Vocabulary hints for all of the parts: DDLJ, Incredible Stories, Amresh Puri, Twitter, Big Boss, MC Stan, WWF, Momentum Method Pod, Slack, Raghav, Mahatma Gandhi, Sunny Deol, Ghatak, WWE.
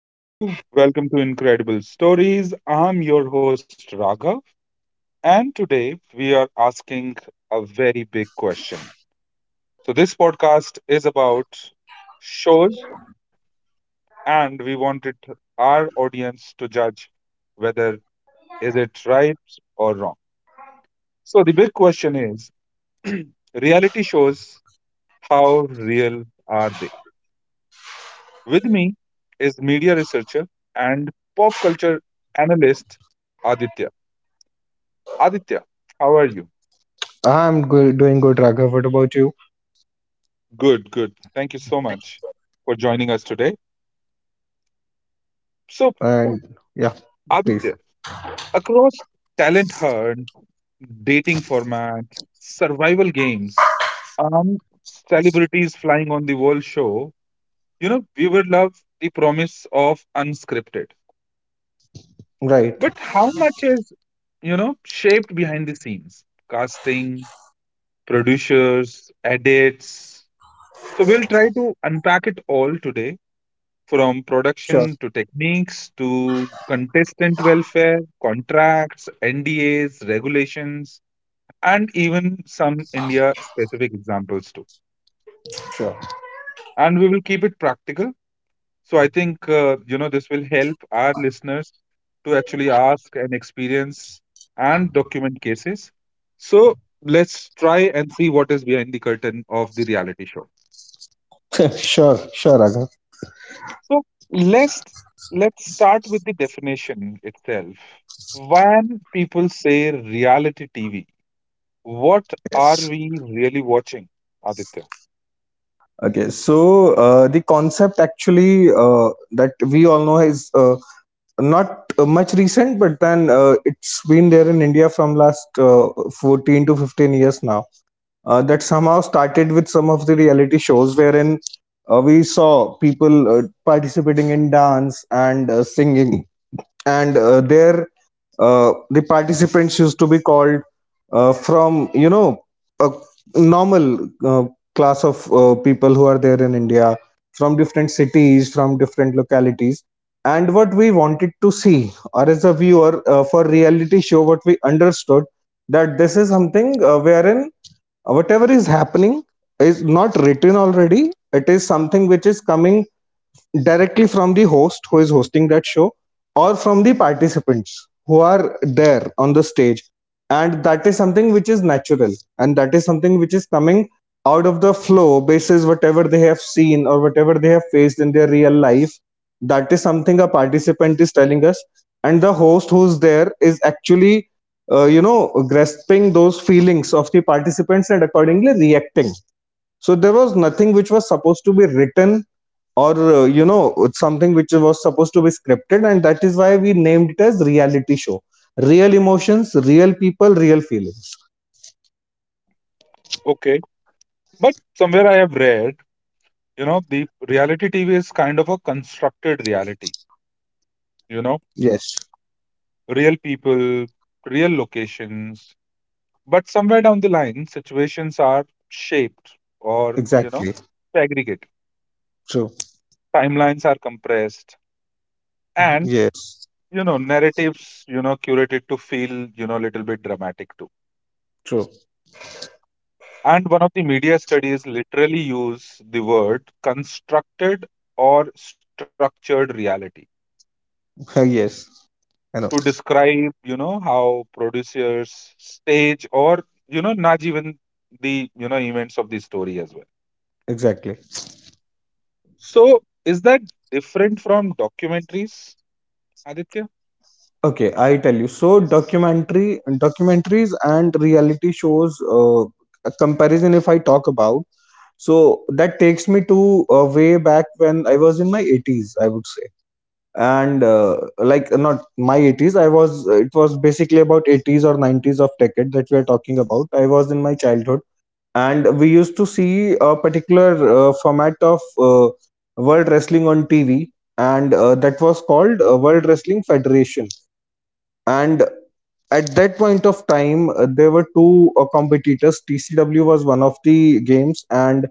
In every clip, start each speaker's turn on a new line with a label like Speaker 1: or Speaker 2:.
Speaker 1: Hello, welcome to Incredible Stories. I'm your host Raghav, and today we are asking a very big question. So, this podcast is about shows, and we wanted our audience to judge whether is it right or wrong. So, the big question is reality shows, how real are they? With me is media researcher and pop culture analyst Aditya. Aditya, how are you? Good, good. Thank you so much for joining us today. So, Aditya, across talent hunt, dating format, survival games, um, celebrities flying on the world show, we would love the promise of unscripted.
Speaker 2: Right.
Speaker 1: But how much is, shaped behind the scenes? Casting, producers, edits. So, we'll try to unpack it all today from
Speaker 2: Sure.
Speaker 1: production to techniques to contestant welfare, contracts, NDAs, regulations, and even some India specific examples too.
Speaker 2: Sure.
Speaker 1: And we will keep it practical. So I think, this will help our listeners to actually ask and experience and document cases. So let's try and see what is behind the curtain of the reality show.
Speaker 2: Sure. Sure, Raghav.
Speaker 1: So let's let's start with the definition itself. When people say reality TV, what are we really watching, Aditya?
Speaker 2: Okay, so the concept actually that we all know is not much recent, but then it's been there in India from last 14 to 15 years now. That somehow started with some of the reality shows wherein we saw people participating in dance and singing and the participants used to be called from a normal class of people who are there in India from different cities from different localities. And what we wanted to see, or as a viewer for reality show, what we understood: that this is something wherein whatever is happening is not written already, it is something which is coming directly from the host who is hosting that show, or from the participants who are there on the stage. And that is something which is natural, and that is something which is coming out of the flow, basis whatever they have seen or whatever they have faced in their real life, that is something a participant is telling us. And the host who's there is actually grasping those feelings of the participants and accordingly reacting. So there was nothing which was supposed to be written, or something which was supposed to be scripted, and that is why we named it as reality show: real emotions, real people, real feelings.
Speaker 1: Okay. But somewhere I have read, the reality TV is kind of a constructed reality, you know,
Speaker 2: Yes.
Speaker 1: real people, real locations. But somewhere down the line, situations are shaped or, you know,
Speaker 2: Exactly.
Speaker 1: segregated.
Speaker 2: True.
Speaker 1: Timelines are compressed. And
Speaker 2: Yes.
Speaker 1: you know narratives you know curated to feel, you know, a little bit dramatic too,
Speaker 2: True.
Speaker 1: and one of the media studies literally use the word constructed or structured reality
Speaker 2: Yes. I
Speaker 1: to
Speaker 2: know.
Speaker 1: describe, you know, how producers stage or, you know, not even the, you know, events of the story as well.
Speaker 2: Exactly.
Speaker 1: So is that different from documentaries, Aditya?
Speaker 2: Okay, I tell you, so documentary documentaries and reality shows, a comparison if I talk about. So that takes me to, way back when I was in my 80s, I would say. And like, not my 80s, I was it was basically about 80s or 90s of decade that we are talking about. I was in my childhood. And we used to see a particular format of world wrestling on TV. And that was called World Wrestling Federation. And at that point of time there were two competitors. TCW was one of the games, and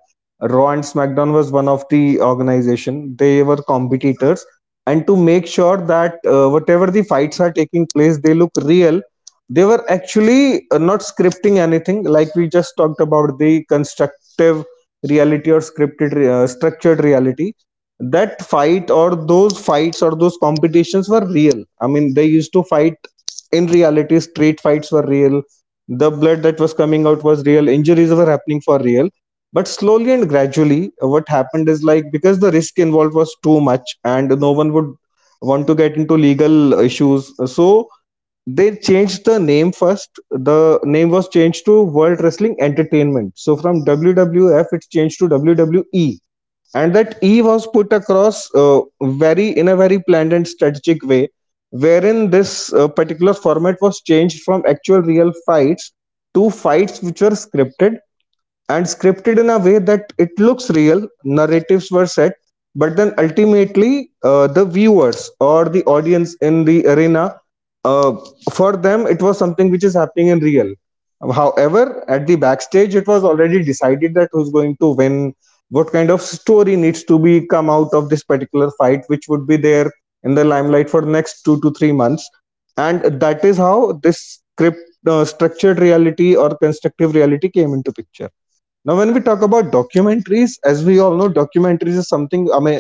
Speaker 2: Raw and SmackDown was one of the organization. They were competitors. And to make sure that whatever the fights are taking place, they look real, they were actually not scripting anything, like we just talked about, the constructive reality or structured reality. That fight, or those fights, or those competitions were real. I mean, they used to fight in reality. Street fights were real. The blood that was coming out was real. Injuries were happening for real. But slowly and gradually, what happened is, like, because the risk involved was too much and no one would want to get into legal issues, so they changed the name. First the name was changed to World Wrestling Entertainment. So from WWF it's changed to WWE. And that E was put across, very in a very planned and strategic way, wherein this particular format was changed from actual real fights to fights which were scripted, and scripted in a way that it looks real. Narratives were set, but then ultimately, the viewers or the audience in the arena, uh, for them, it was something which is happening in real. However, at the backstage, it was already decided that who's going to win, what kind of story needs to be come out of this particular fight, which would be there in the limelight for the next 2 to 3 months. And that is how this script, structured reality or constructive reality came into picture. Now, when we talk about documentaries, as we all know, documentaries is something, I mean,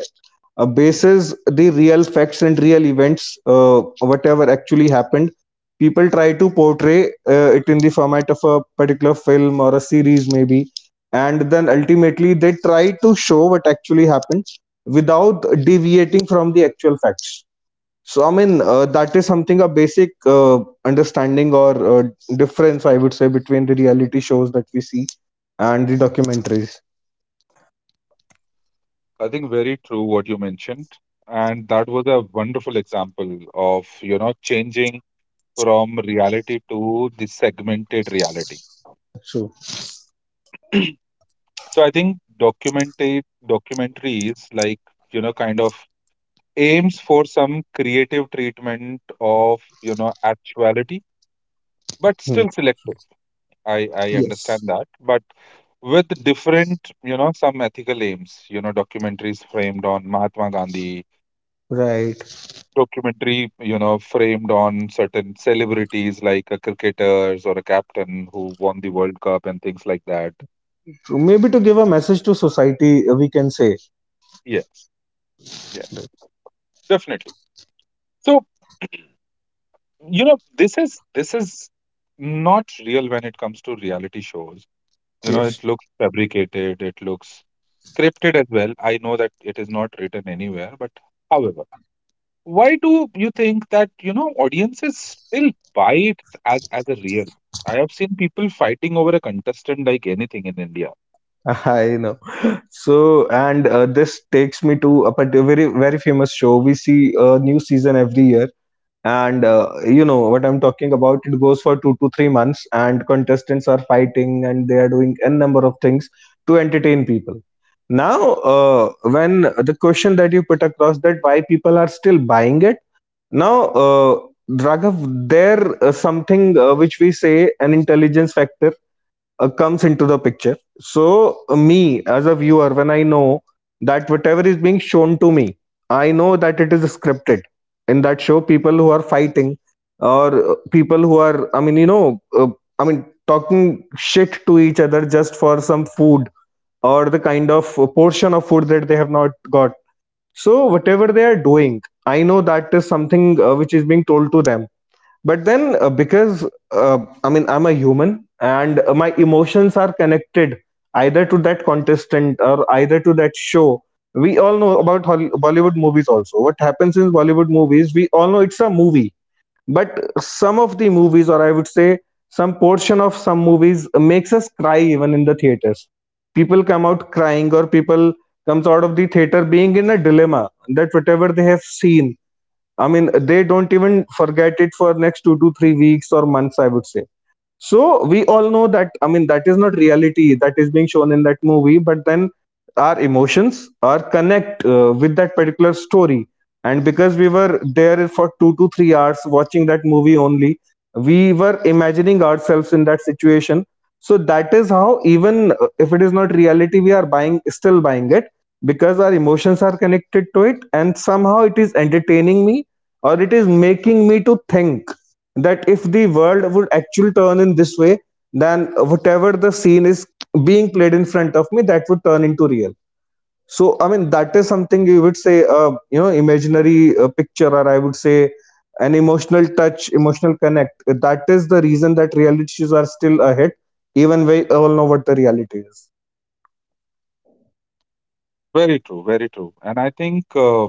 Speaker 2: bases the real facts and real events, whatever actually happened. People try to portray it in the format of a particular film or a series, maybe, and then ultimately they try to show what actually happened without deviating from the actual facts. So I mean, that is something, a basic understanding or difference I would say between the reality shows that we see and the documentaries.
Speaker 1: I think very true what you mentioned, and that was a wonderful example of, you know, changing from reality to the segmented reality.
Speaker 2: So.
Speaker 1: So I think documentary documentaries like, you know, kind of aims for some creative treatment of, you know, actuality, but
Speaker 2: Hmm.
Speaker 1: still selective. I understand that, but with different, you know, some ethical aims. You know, documentaries framed on Mahatma Gandhi. Documentary, you know, framed on certain celebrities like a cricketers or a captain who won the World Cup and things like that. Yes. Yes. Definitely. So, this is not real when it comes to reality shows. You know, it looks fabricated, it looks scripted as well. I know that it is not written anywhere, but however, why do you think that, audiences still buy it as a real? I have seen people fighting over a contestant like anything in India.
Speaker 2: Why people are still buying it. Now, Raghav, there something which we say an intelligence factor comes into the picture. So, me as a viewer, when I know that whatever is being shown to me, I know that it is scripted. In that show, people who are fighting, or people who are, I mean, I mean, talking shit to each other just for some food, or the kind of portion of food that they have not got, so, whatever they are doing, I know that is something which is being told to them. But then, because I mean, I'm a human, and my emotions are connected either to that contestant or either to that show. We all know about Bollywood movies also. What happens in Bollywood movies, we all know it's a movie, but some of the movies, or I would say some portion of some movies, makes us cry even in the theaters. People come out crying, or people comes out of the theater being in a dilemma, that whatever they have seen, I mean, they don't even forget it for next 2 to 3 weeks or months, I would say. So we all know that, I mean, that is not reality that is being shown in that movie, but then our emotions are connect with that particular story, and because we were there for 2 to 3 hours watching that movie only, we were imagining ourselves in that situation. So that is how, even if it is not reality, we are buying still buying it, because our emotions are connected to it, and somehow it is entertaining me or it is making me to think that if the world would actually turn in this way, then whatever the scene is being played in front of me, that would turn into real. So I mean, that is something you would say, imaginary picture, or I would say an emotional touch, emotional connect. That is the reason that realities are still ahead, even we all know what the reality is.
Speaker 1: Very true, very true. And I think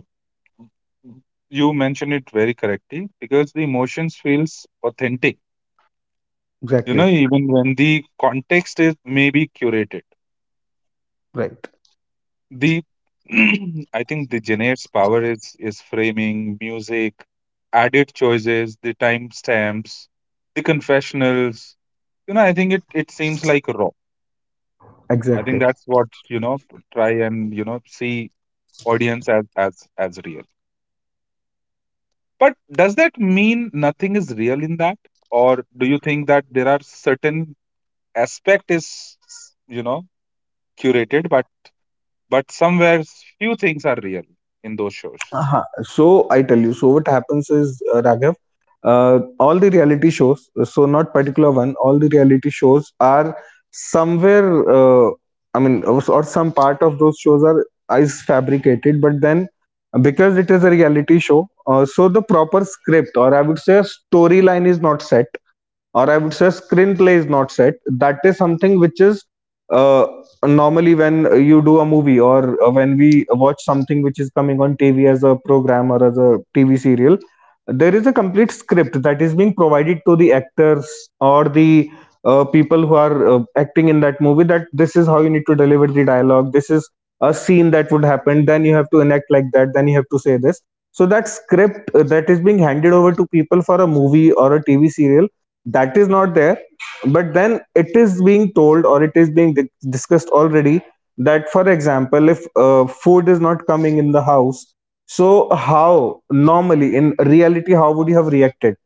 Speaker 1: you mentioned it very correctly because the emotions feels authentic, you know,
Speaker 2: Exactly.
Speaker 1: even when the context is maybe curated.
Speaker 2: Right.
Speaker 1: The I think the generates power is framing music, added choices, the timestamps, the confessionals. You know, I think it it seems like raw. I think
Speaker 2: Exactly.
Speaker 1: that's what, you know, try and, you know, see audience as real. But does that mean nothing is real in that, or do you think that there are certain aspect is, you know, curated, but somewhere few things are real in those shows?
Speaker 2: Uh-huh. So I tell you, so what happens is, Raghav, all the reality shows, so not particular one, all the reality shows are somewhere, I mean, or some part of those shows are is fabricated, but then because it is a reality show, so the proper script, or I would say a storyline, is not set, or I would say screenplay is not set. That is something which is, uh, normally when you do a movie, or when we watch something which is coming on TV as a program or as a TV serial, there is a complete script that is being provided to the actors, or the people who are acting in that movie, that this is how you need to deliver the dialogue, this is a scene that would happen, then you have to enact like that, then you have to say this. So that script, that is being handed over to people for a movie or a TV serial, that is not there. But then it is being told, or it is being discussed already, that for example if food is not coming in the house, so how normally in reality how would you have reacted,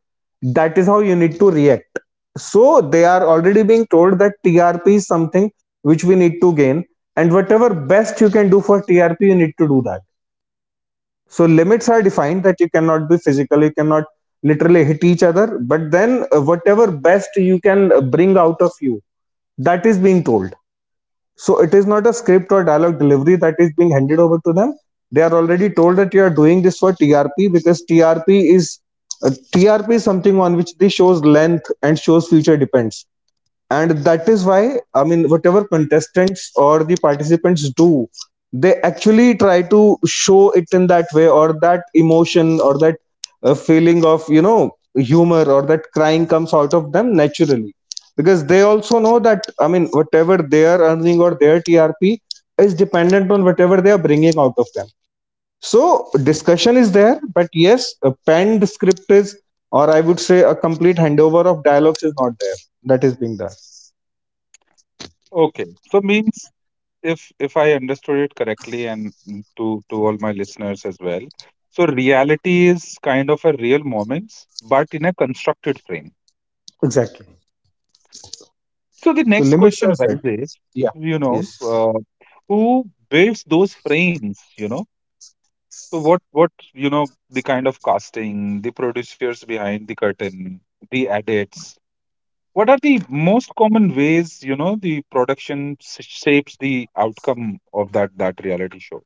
Speaker 2: that is how you need to react. So they are already being told that TRP is something which we need to gain, and whatever best you can do for TRP, you need to do that. So limits are defined, that you cannot be physical, you cannot literally hit each other, but then whatever best you can bring out of you, that is being told. So it is not a script or dialogue delivery that is being handed over to them. They are already told that you are doing this for TRP, because TRP is something on which the show's length and show's future depends. And that is why, I mean, whatever contestants or the participants do, they actually try to show it in that way, or that emotion, or that feeling of humor, or that crying comes out of them naturally, because they also know that, I mean, whatever they are earning or their TRP is dependent on whatever they are bringing out of them. So discussion is there, but yes, a penned script is, or I would say a complete handover of dialogues is not there, that is being done.
Speaker 1: Okay, so means if if I understood it correctly and to all my listeners as well. So reality is kind of a real moments, but in a constructed frame.
Speaker 2: Exactly.
Speaker 1: So the
Speaker 2: So
Speaker 1: next
Speaker 2: limits
Speaker 1: question
Speaker 2: are set.
Speaker 1: arises,
Speaker 2: Yeah.
Speaker 1: you know
Speaker 2: Yes.
Speaker 1: uh, who builds those frames, you know? So what, you know, the kind of casting, the producers behind the curtain, the edits. What are the most common ways, the shapes the outcome of that reality show?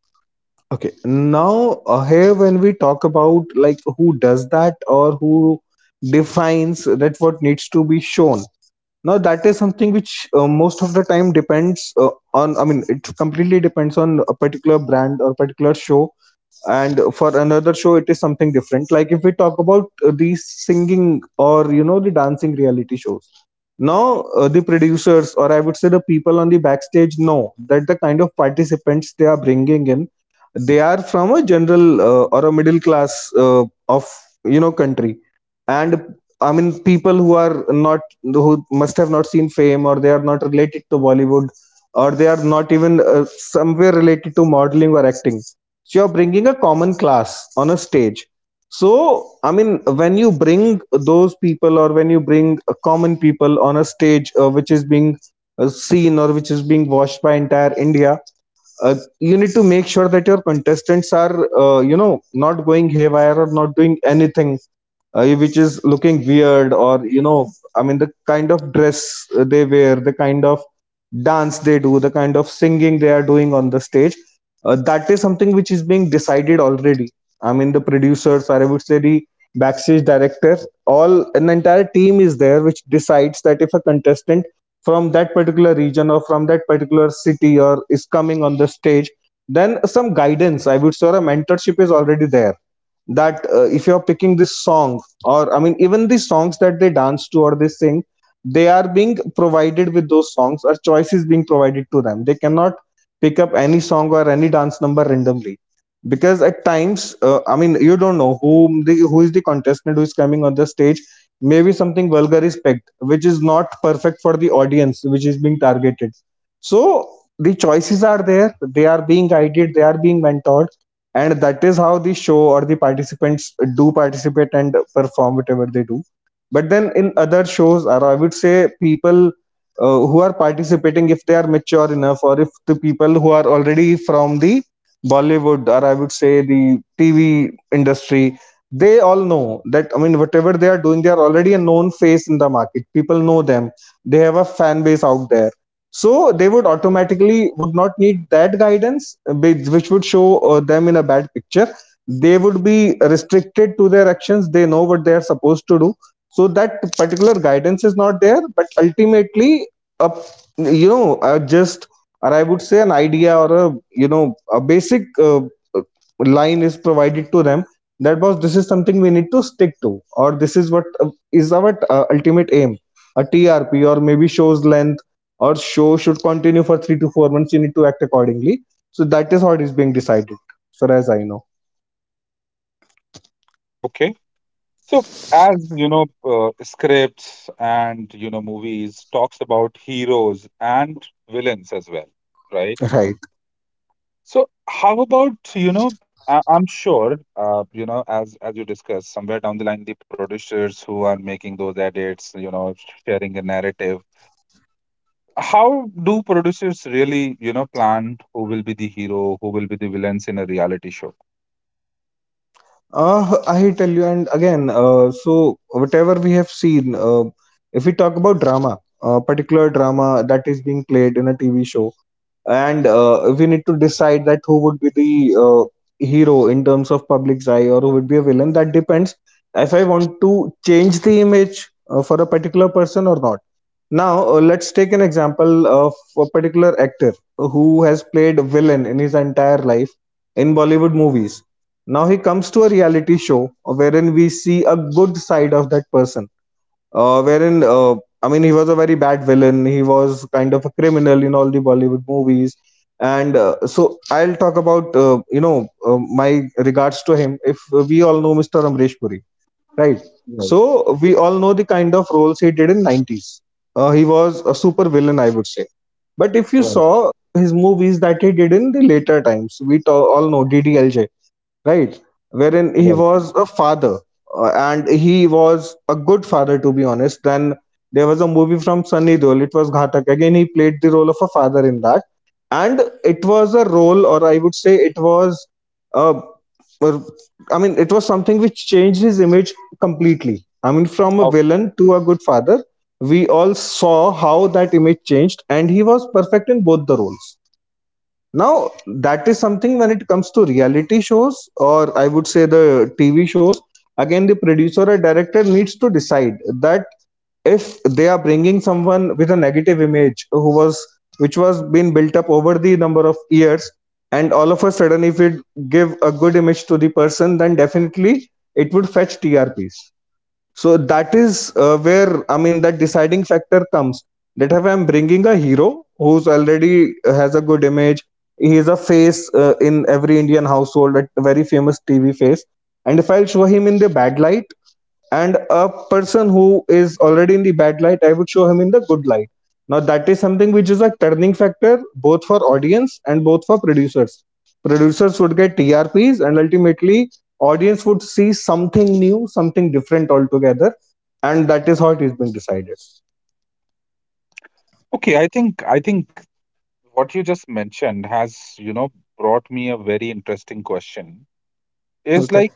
Speaker 2: Okay, now, here when we talk about, like, who does that or who defines that what needs to be shown. Now that is something which most of the time depends on. I mean, it completely depends on a particular brand or particular show, and for another show it is something different. Like if we talk about these singing or you know the dancing reality shows. Now the producers or I would say the people on the backstage know that the kind of participants they are bringing in, they are from a general or a middle class of you know country, and I mean people who must have not seen fame, or they are not related to Bollywood, or they are not even somewhere related to modeling or acting. So you're bringing a common class on a stage. So I mean, when you bring those people, or when you bring common people on a stage which is being seen or which is being watched by entire India, you need to make sure that your contestants are you know not going haywire or not doing anything which is looking weird or you know I mean the kind of dress they wear, the kind of dance they do, the kind of singing they are doing on the stage, that is something which is being decided already. I mean the producers, or I would say the backstage director, all an entire team is there which decides that if a contestant from that particular region or from that particular city or is coming on the stage, would say people who are participating, if they are mature enough, or if the people who are already from the Bollywood, or I would say the TV industry, they all know that, I mean, whatever they are doing, they are already a known face in the market, people know them, they have a fan base out there. So they would automatically would not need that guidance which would show them in a bad picture. They would be restricted to their actions, they know what they are supposed to do. So that particular guidance is not there, but ultimately a you know just or I would say an idea, or a you know a basic uh, uh, line is provided to them, that was this is something we need to stick to, or this is what is our ultimate aim, a TRP or maybe show's length, or show should continue for 3 to 4 months, you need to act accordingly. So that is how it is being decided, as far as I know.
Speaker 1: Okay. So as you know, scripts and, you know, movies talks about heroes and villains as well, right?
Speaker 2: Right.
Speaker 1: So how about you know? I'm sure you know as you discussed somewhere down the line, the producers who are making those edits, you know, sharing a narrative, how do producers really, you know, plan who will be the hero, who will be the villains in a reality show?
Speaker 2: I tell you, and again, so whatever we have seen, if we talk about drama, particular drama that is being played in a TV show, and we need to decide that who would be the hero in terms of public's eye, or who would be a villain, that depends if I want to change the image for a particular person or not. Now, let's take an example of a particular actor who has played a villain in his entire life in Bollywood movies. Now, he comes to a reality show wherein we see a good side of that person. Uh, wherein, uh, I mean, he was a very bad villain, he was kind of a criminal in all the Bollywood movies. And so, I'll talk about, you know, my regards to him. If we all know Mr. Amresh Puri, right?
Speaker 1: Right.
Speaker 2: So we all know the kind of roles he did in 90's. He was a super villain, I would say. But if you
Speaker 1: Right.
Speaker 2: saw his movies that he did in the later times, all know DDLJ, right? Wherein he
Speaker 1: Right.
Speaker 2: was a father, and he was a good father, to be honest. Then there was a movie from Sunny Deol. It was Ghatak. Again, he played the role of a father in that, and it was a role, or I would say, it was, uh, or- I mean, it was something which changed his image completely. I mean, from a
Speaker 1: Oh,
Speaker 2: villain to a good father, we all saw how that image changed, and he was perfect in both the roles. Now, that is something when it comes to reality shows, or I would say the TV shows, again, the producer or director needs to decide that if they are bringing someone with a negative image who was which was being built up over the number of years, and all of a sudden if it give a good image to the person, then definitely it would fetch TRPs. So that is where, I mean, that deciding factor comes. That if I'm bringing a hero who's already has a good image, he is a face in every Indian household, a very famous TV face, and if I'll show him in the bad light, and a person who is already in the bad light, I would show him in the good light. Now that is something which is a turning factor both for audience and both for producers. Producers would get TRPs, and ultimately audience would see something new, something different altogether, and that is how it is being decided.
Speaker 1: okay. I think what you just mentioned has, you know, brought me a very interesting question is
Speaker 2: Okay.
Speaker 1: like,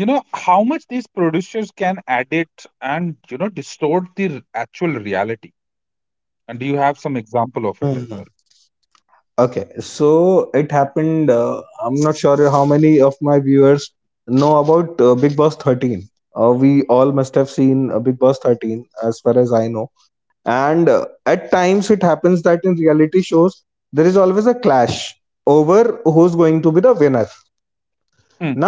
Speaker 1: you know, how much these producers can edit and, you know, distort the actual reality, and do you have some example of it as
Speaker 2: Hmm.
Speaker 1: well?
Speaker 2: Okay, so it happened. I'm not sure how many of my viewers know about Big Boss,
Speaker 1: Hmm,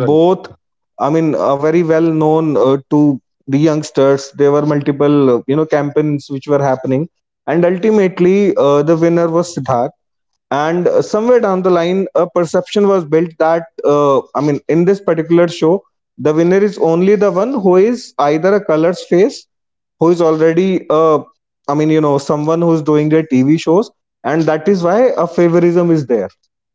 Speaker 1: right.
Speaker 2: and somewhere down the line a perception was built that I mean in this particular show the winner is only the one who is either a Colors face, who is already I mean you know someone who's doing their TV shows, and that is why a favorism is there,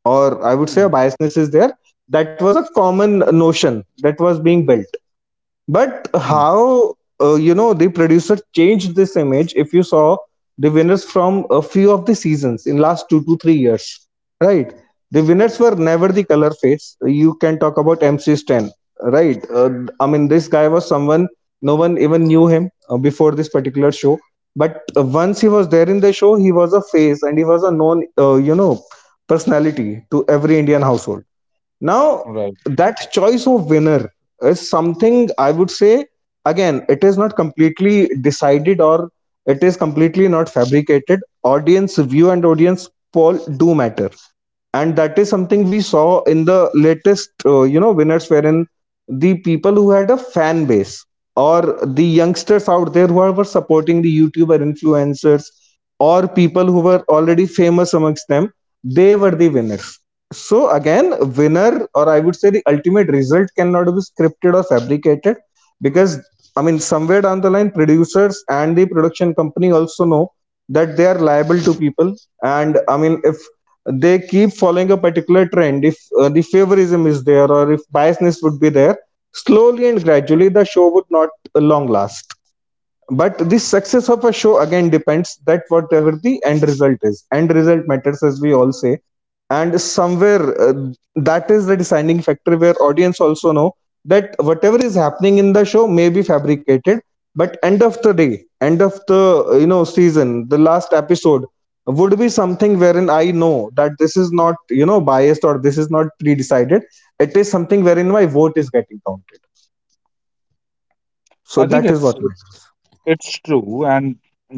Speaker 2: or I would
Speaker 1: Hmm,
Speaker 2: say a biasness is there. That was a common notion that was being built. But
Speaker 1: hmm,
Speaker 2: how you know the producer changed this image? If you saw the winners from a few of the seasons in last 2 to 3 years, right? The winners were never the color face. You can talk about MC Stan, right? I mean, this guy was someone, no one even knew him before this particular show. But once he was there in the show, he was a face and he was a known, you know, personality to every Indian household. Now,
Speaker 1: right.
Speaker 2: that choice of winner is something I would say, again, it is not completely decided, or it is completely not fabricated. Audience view and audience poll do matter, and that is something we saw in the latest, you know, winners wherein the people who had a fan base, or the youngsters out there who were supporting the YouTuber influencers, or people who were already famous amongst them, they were the winners. So again, winner, or I would say the ultimate result, cannot be scripted or fabricated, because I mean somewhere down the line producers and the production company also know that they are liable to people. And I mean, if they keep following a particular trend, if the favorism is there or if biasness would be there, slowly and gradually the show would not long last. But this success of a show again depends that whatever the end result is, end result matters, as we all say. And somewhere that is the deciding factor where audience also know that whatever is happening in the show may be fabricated, but end of the day, end of the you know season, the last episode would be something wherein I know that this is not, you know, biased or this is not pre-decided. It is something wherein my vote is getting counted. So
Speaker 1: I think
Speaker 2: that is
Speaker 1: it's
Speaker 2: what matters.
Speaker 1: It's true, and,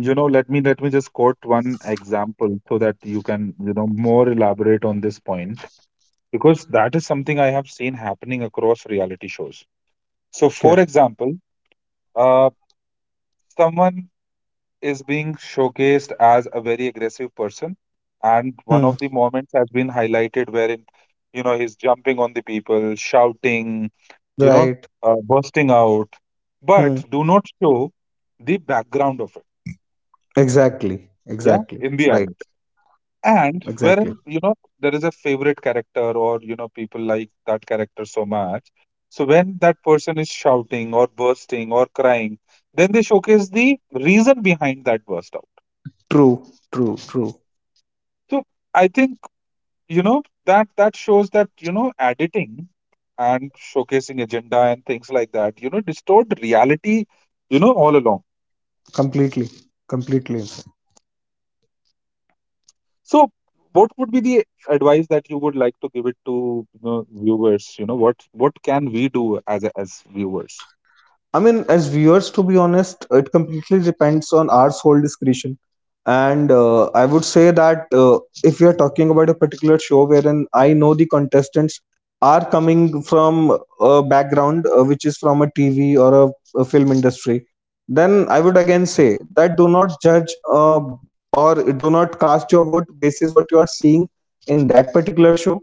Speaker 1: you know, let me just quote one example so that you can, you know, more elaborate on this point because that is something I have seen happening across reality shows. So, for
Speaker 2: Okay.
Speaker 1: example, uh, someone is being showcased as a very aggressive person, and one
Speaker 2: Hmm.
Speaker 1: of the moments has been highlighted wherein, you know, he's jumping on the people, shouting, you know,
Speaker 2: Right.
Speaker 1: bursting out, but do not show the background of it.
Speaker 2: Exactly,
Speaker 1: Yeah,
Speaker 2: exactly,
Speaker 1: in the ad.
Speaker 2: right,
Speaker 1: And
Speaker 2: exactly.
Speaker 1: wherein, you know, there is a favorite character or, you know, people like that character so much. So when that person is shouting or bursting or crying, then they showcase the reason behind that burst out.
Speaker 2: True, true, true.
Speaker 1: So I think, that that shows that, you know, editing and showcasing agenda and things like that, you know, distort reality, you know, all along.
Speaker 2: Completely, completely.
Speaker 1: So, what would be the advice that you would like to give it to, you know, viewers? You know, what can we do as a- as viewers?
Speaker 2: I mean, as viewers, to be honest, it completely depends on our sole discretion. And I would say that if we are talking about a particular show wherein I know the contestants are coming from a background which is from a TV or a film industry, then I would again say that do not judge or do not cast your vote basis what you are seeing in that particular show.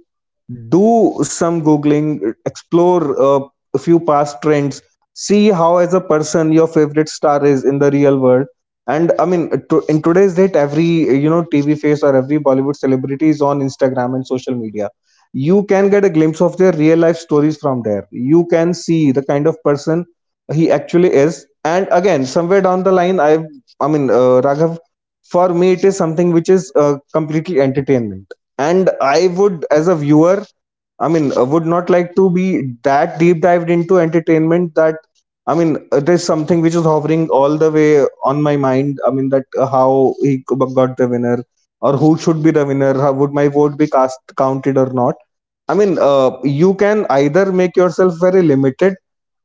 Speaker 2: Do some googling, explore a few past trends, see how as a person your favorite star is in the real world. And I mean in today's date every you know TV face or every Bollywood celebrity is on Instagram and social media. You can get a glimpse of their real life stories from there, you can see the kind of person he actually is. And again somewhere down the line I mean, Raghav, for me it is something which is completely entertainment, and I would, as a viewer, I mean would not like to be that deep dived into entertainment that, I mean there's something which is hovering all the way on my mind. I mean that how got the winner, or who should be the winner, how would my vote be cast, counted or not. I mean you can either make yourself very limited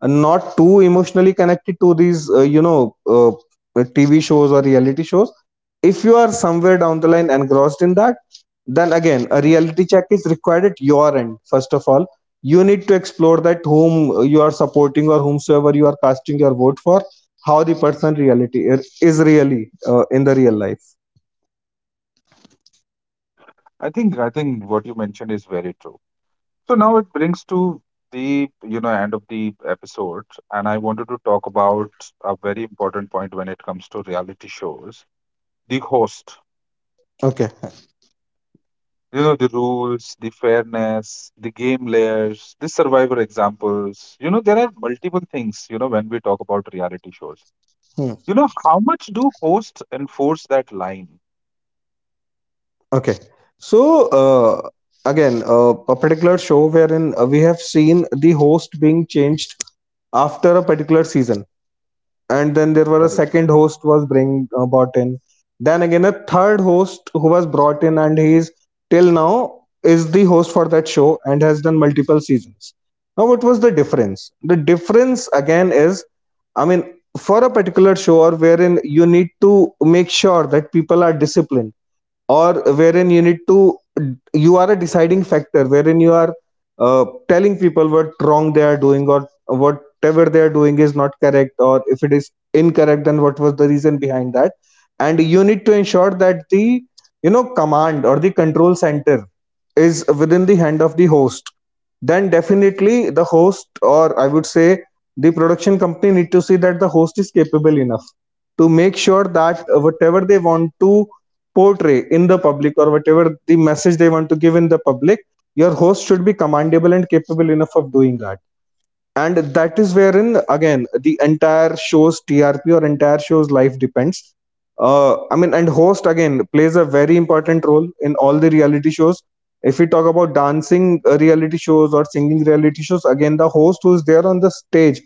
Speaker 2: and not too emotionally connected to these TV shows or reality shows. If you are somewhere down the line engrossed in that, then again a reality check is required at your end. First of all, you need to explore that whom you are supporting or whomsoever you are casting your vote for, how the person reality is really in the real life.
Speaker 1: I think what you mentioned is very true. So now it brings to the, you know, end of the episode, and I wanted to talk about a very important point when it comes to reality shows: the host.
Speaker 2: Okay.
Speaker 1: You know, the rules, the fairness, the game layers, the survivor examples. You know, there are multiple things, you know, when we talk about reality shows.
Speaker 2: Hmm.
Speaker 1: You know, how much do hosts enforce that line?
Speaker 2: Okay, so uh, again a particular show wherein we have seen the host being changed after a particular season, and then there were a
Speaker 1: Right.
Speaker 2: second host was bring brought in, then again a third host who was brought in, and he is till now is the host for that show and has done multiple seasons. Now what was the difference? The difference again is, I mean, for a particular show or wherein you need to make sure that people are disciplined, or wherein you need to, you are a deciding factor wherein you are telling people what wrong they are doing, or whatever they are doing is not correct, or if it is incorrect, then what was the reason behind that. And you need to ensure that the you know command, or the control center is within the hand of the host. Then definitely the host, or I would say the production company, need to see that the host is capable enough to make sure that whatever they want to portray in the public, or whatever the message they want to give in the public, your host should be commandable and capable enough of doing that. And that is wherein again the entire show's TRP or entire show's life depends. I mean, and host again plays a very important role in all the reality shows. If we talk about dancing reality shows or singing reality shows, again the host who's there on the stage,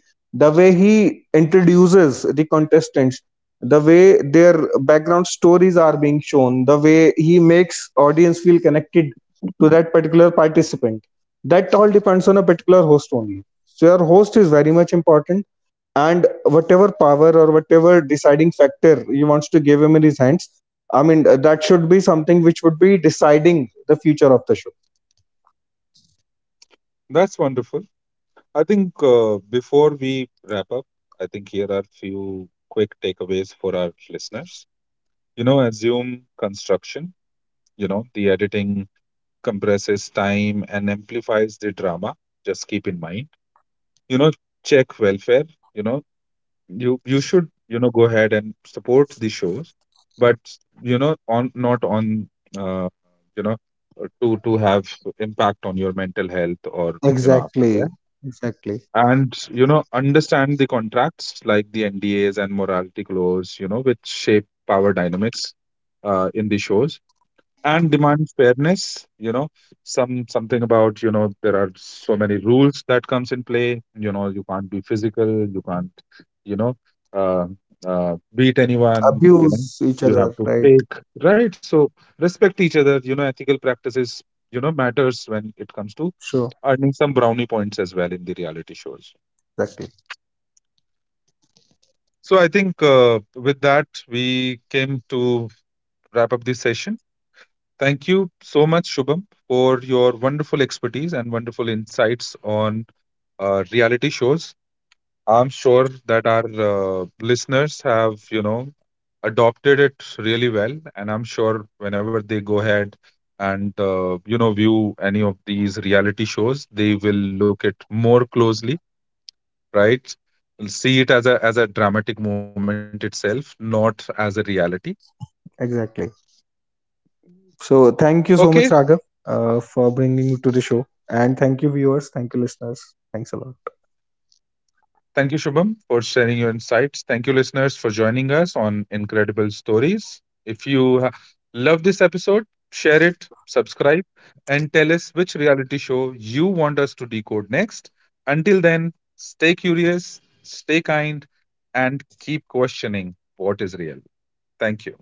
Speaker 2: the way he introduces the contestants, the way their background stories are being shown, the way he makes audience feel connected to that particular participant, that all depends on a particular host only. So your host is very much important, and whatever power or whatever deciding factor you wants to give him in his hands, I mean that should be something which would be deciding the future of the show.
Speaker 1: That's wonderful. I think before we wrap up, I think here are few quick takeaways for our listeners. You know, assume construction, you know, the editing compresses time and amplifies the drama. Just keep in mind. You know, check welfare. You know, you should, you know, go ahead and support the shows, but, you know, on not on uh, you know to have impact on your mental health or, you know,
Speaker 2: Exactly,
Speaker 1: aftercare,
Speaker 2: exactly.
Speaker 1: and, you know, understand the contracts like the NDAs and morality clause, you know, which shape power dynamics in the shows, and demand fairness, you know, some something about, you know, there are so many rules that comes in play. You know, you can't be physical, you can't, you know uh, beat anyone, you know,
Speaker 2: Abuse each
Speaker 1: you have
Speaker 2: other,
Speaker 1: to
Speaker 2: right?
Speaker 1: take right, so respect each other, you know, ethical practices, you know, matters when it comes to
Speaker 2: Sure,
Speaker 1: earning some brownie points as well in the reality shows.
Speaker 2: exactly,
Speaker 1: So I think, with that we came to wrap up this session. Thank you so much, Shubham, for your wonderful expertise and wonderful insights on reality shows. I'm sure that our listeners have, you know, adopted it really well, and I'm sure whenever they go ahead and, you know, view any of these reality shows, they will look at more closely, right? And see it as a dramatic moment itself, not as a reality.
Speaker 2: exactly. So thank you
Speaker 1: Okay,
Speaker 2: so much, Raghav, for bringing me to the show, and thank you, viewers, thank you, listeners. Thanks a lot.
Speaker 1: thank you, Shubham, for sharing your insights. Thank you, listeners, for joining us on Incredible Stories. If you love this episode, share it, subscribe, and tell us which reality show you want us to decode next. Until then, stay curious, stay kind, and keep questioning what is real. Thank you.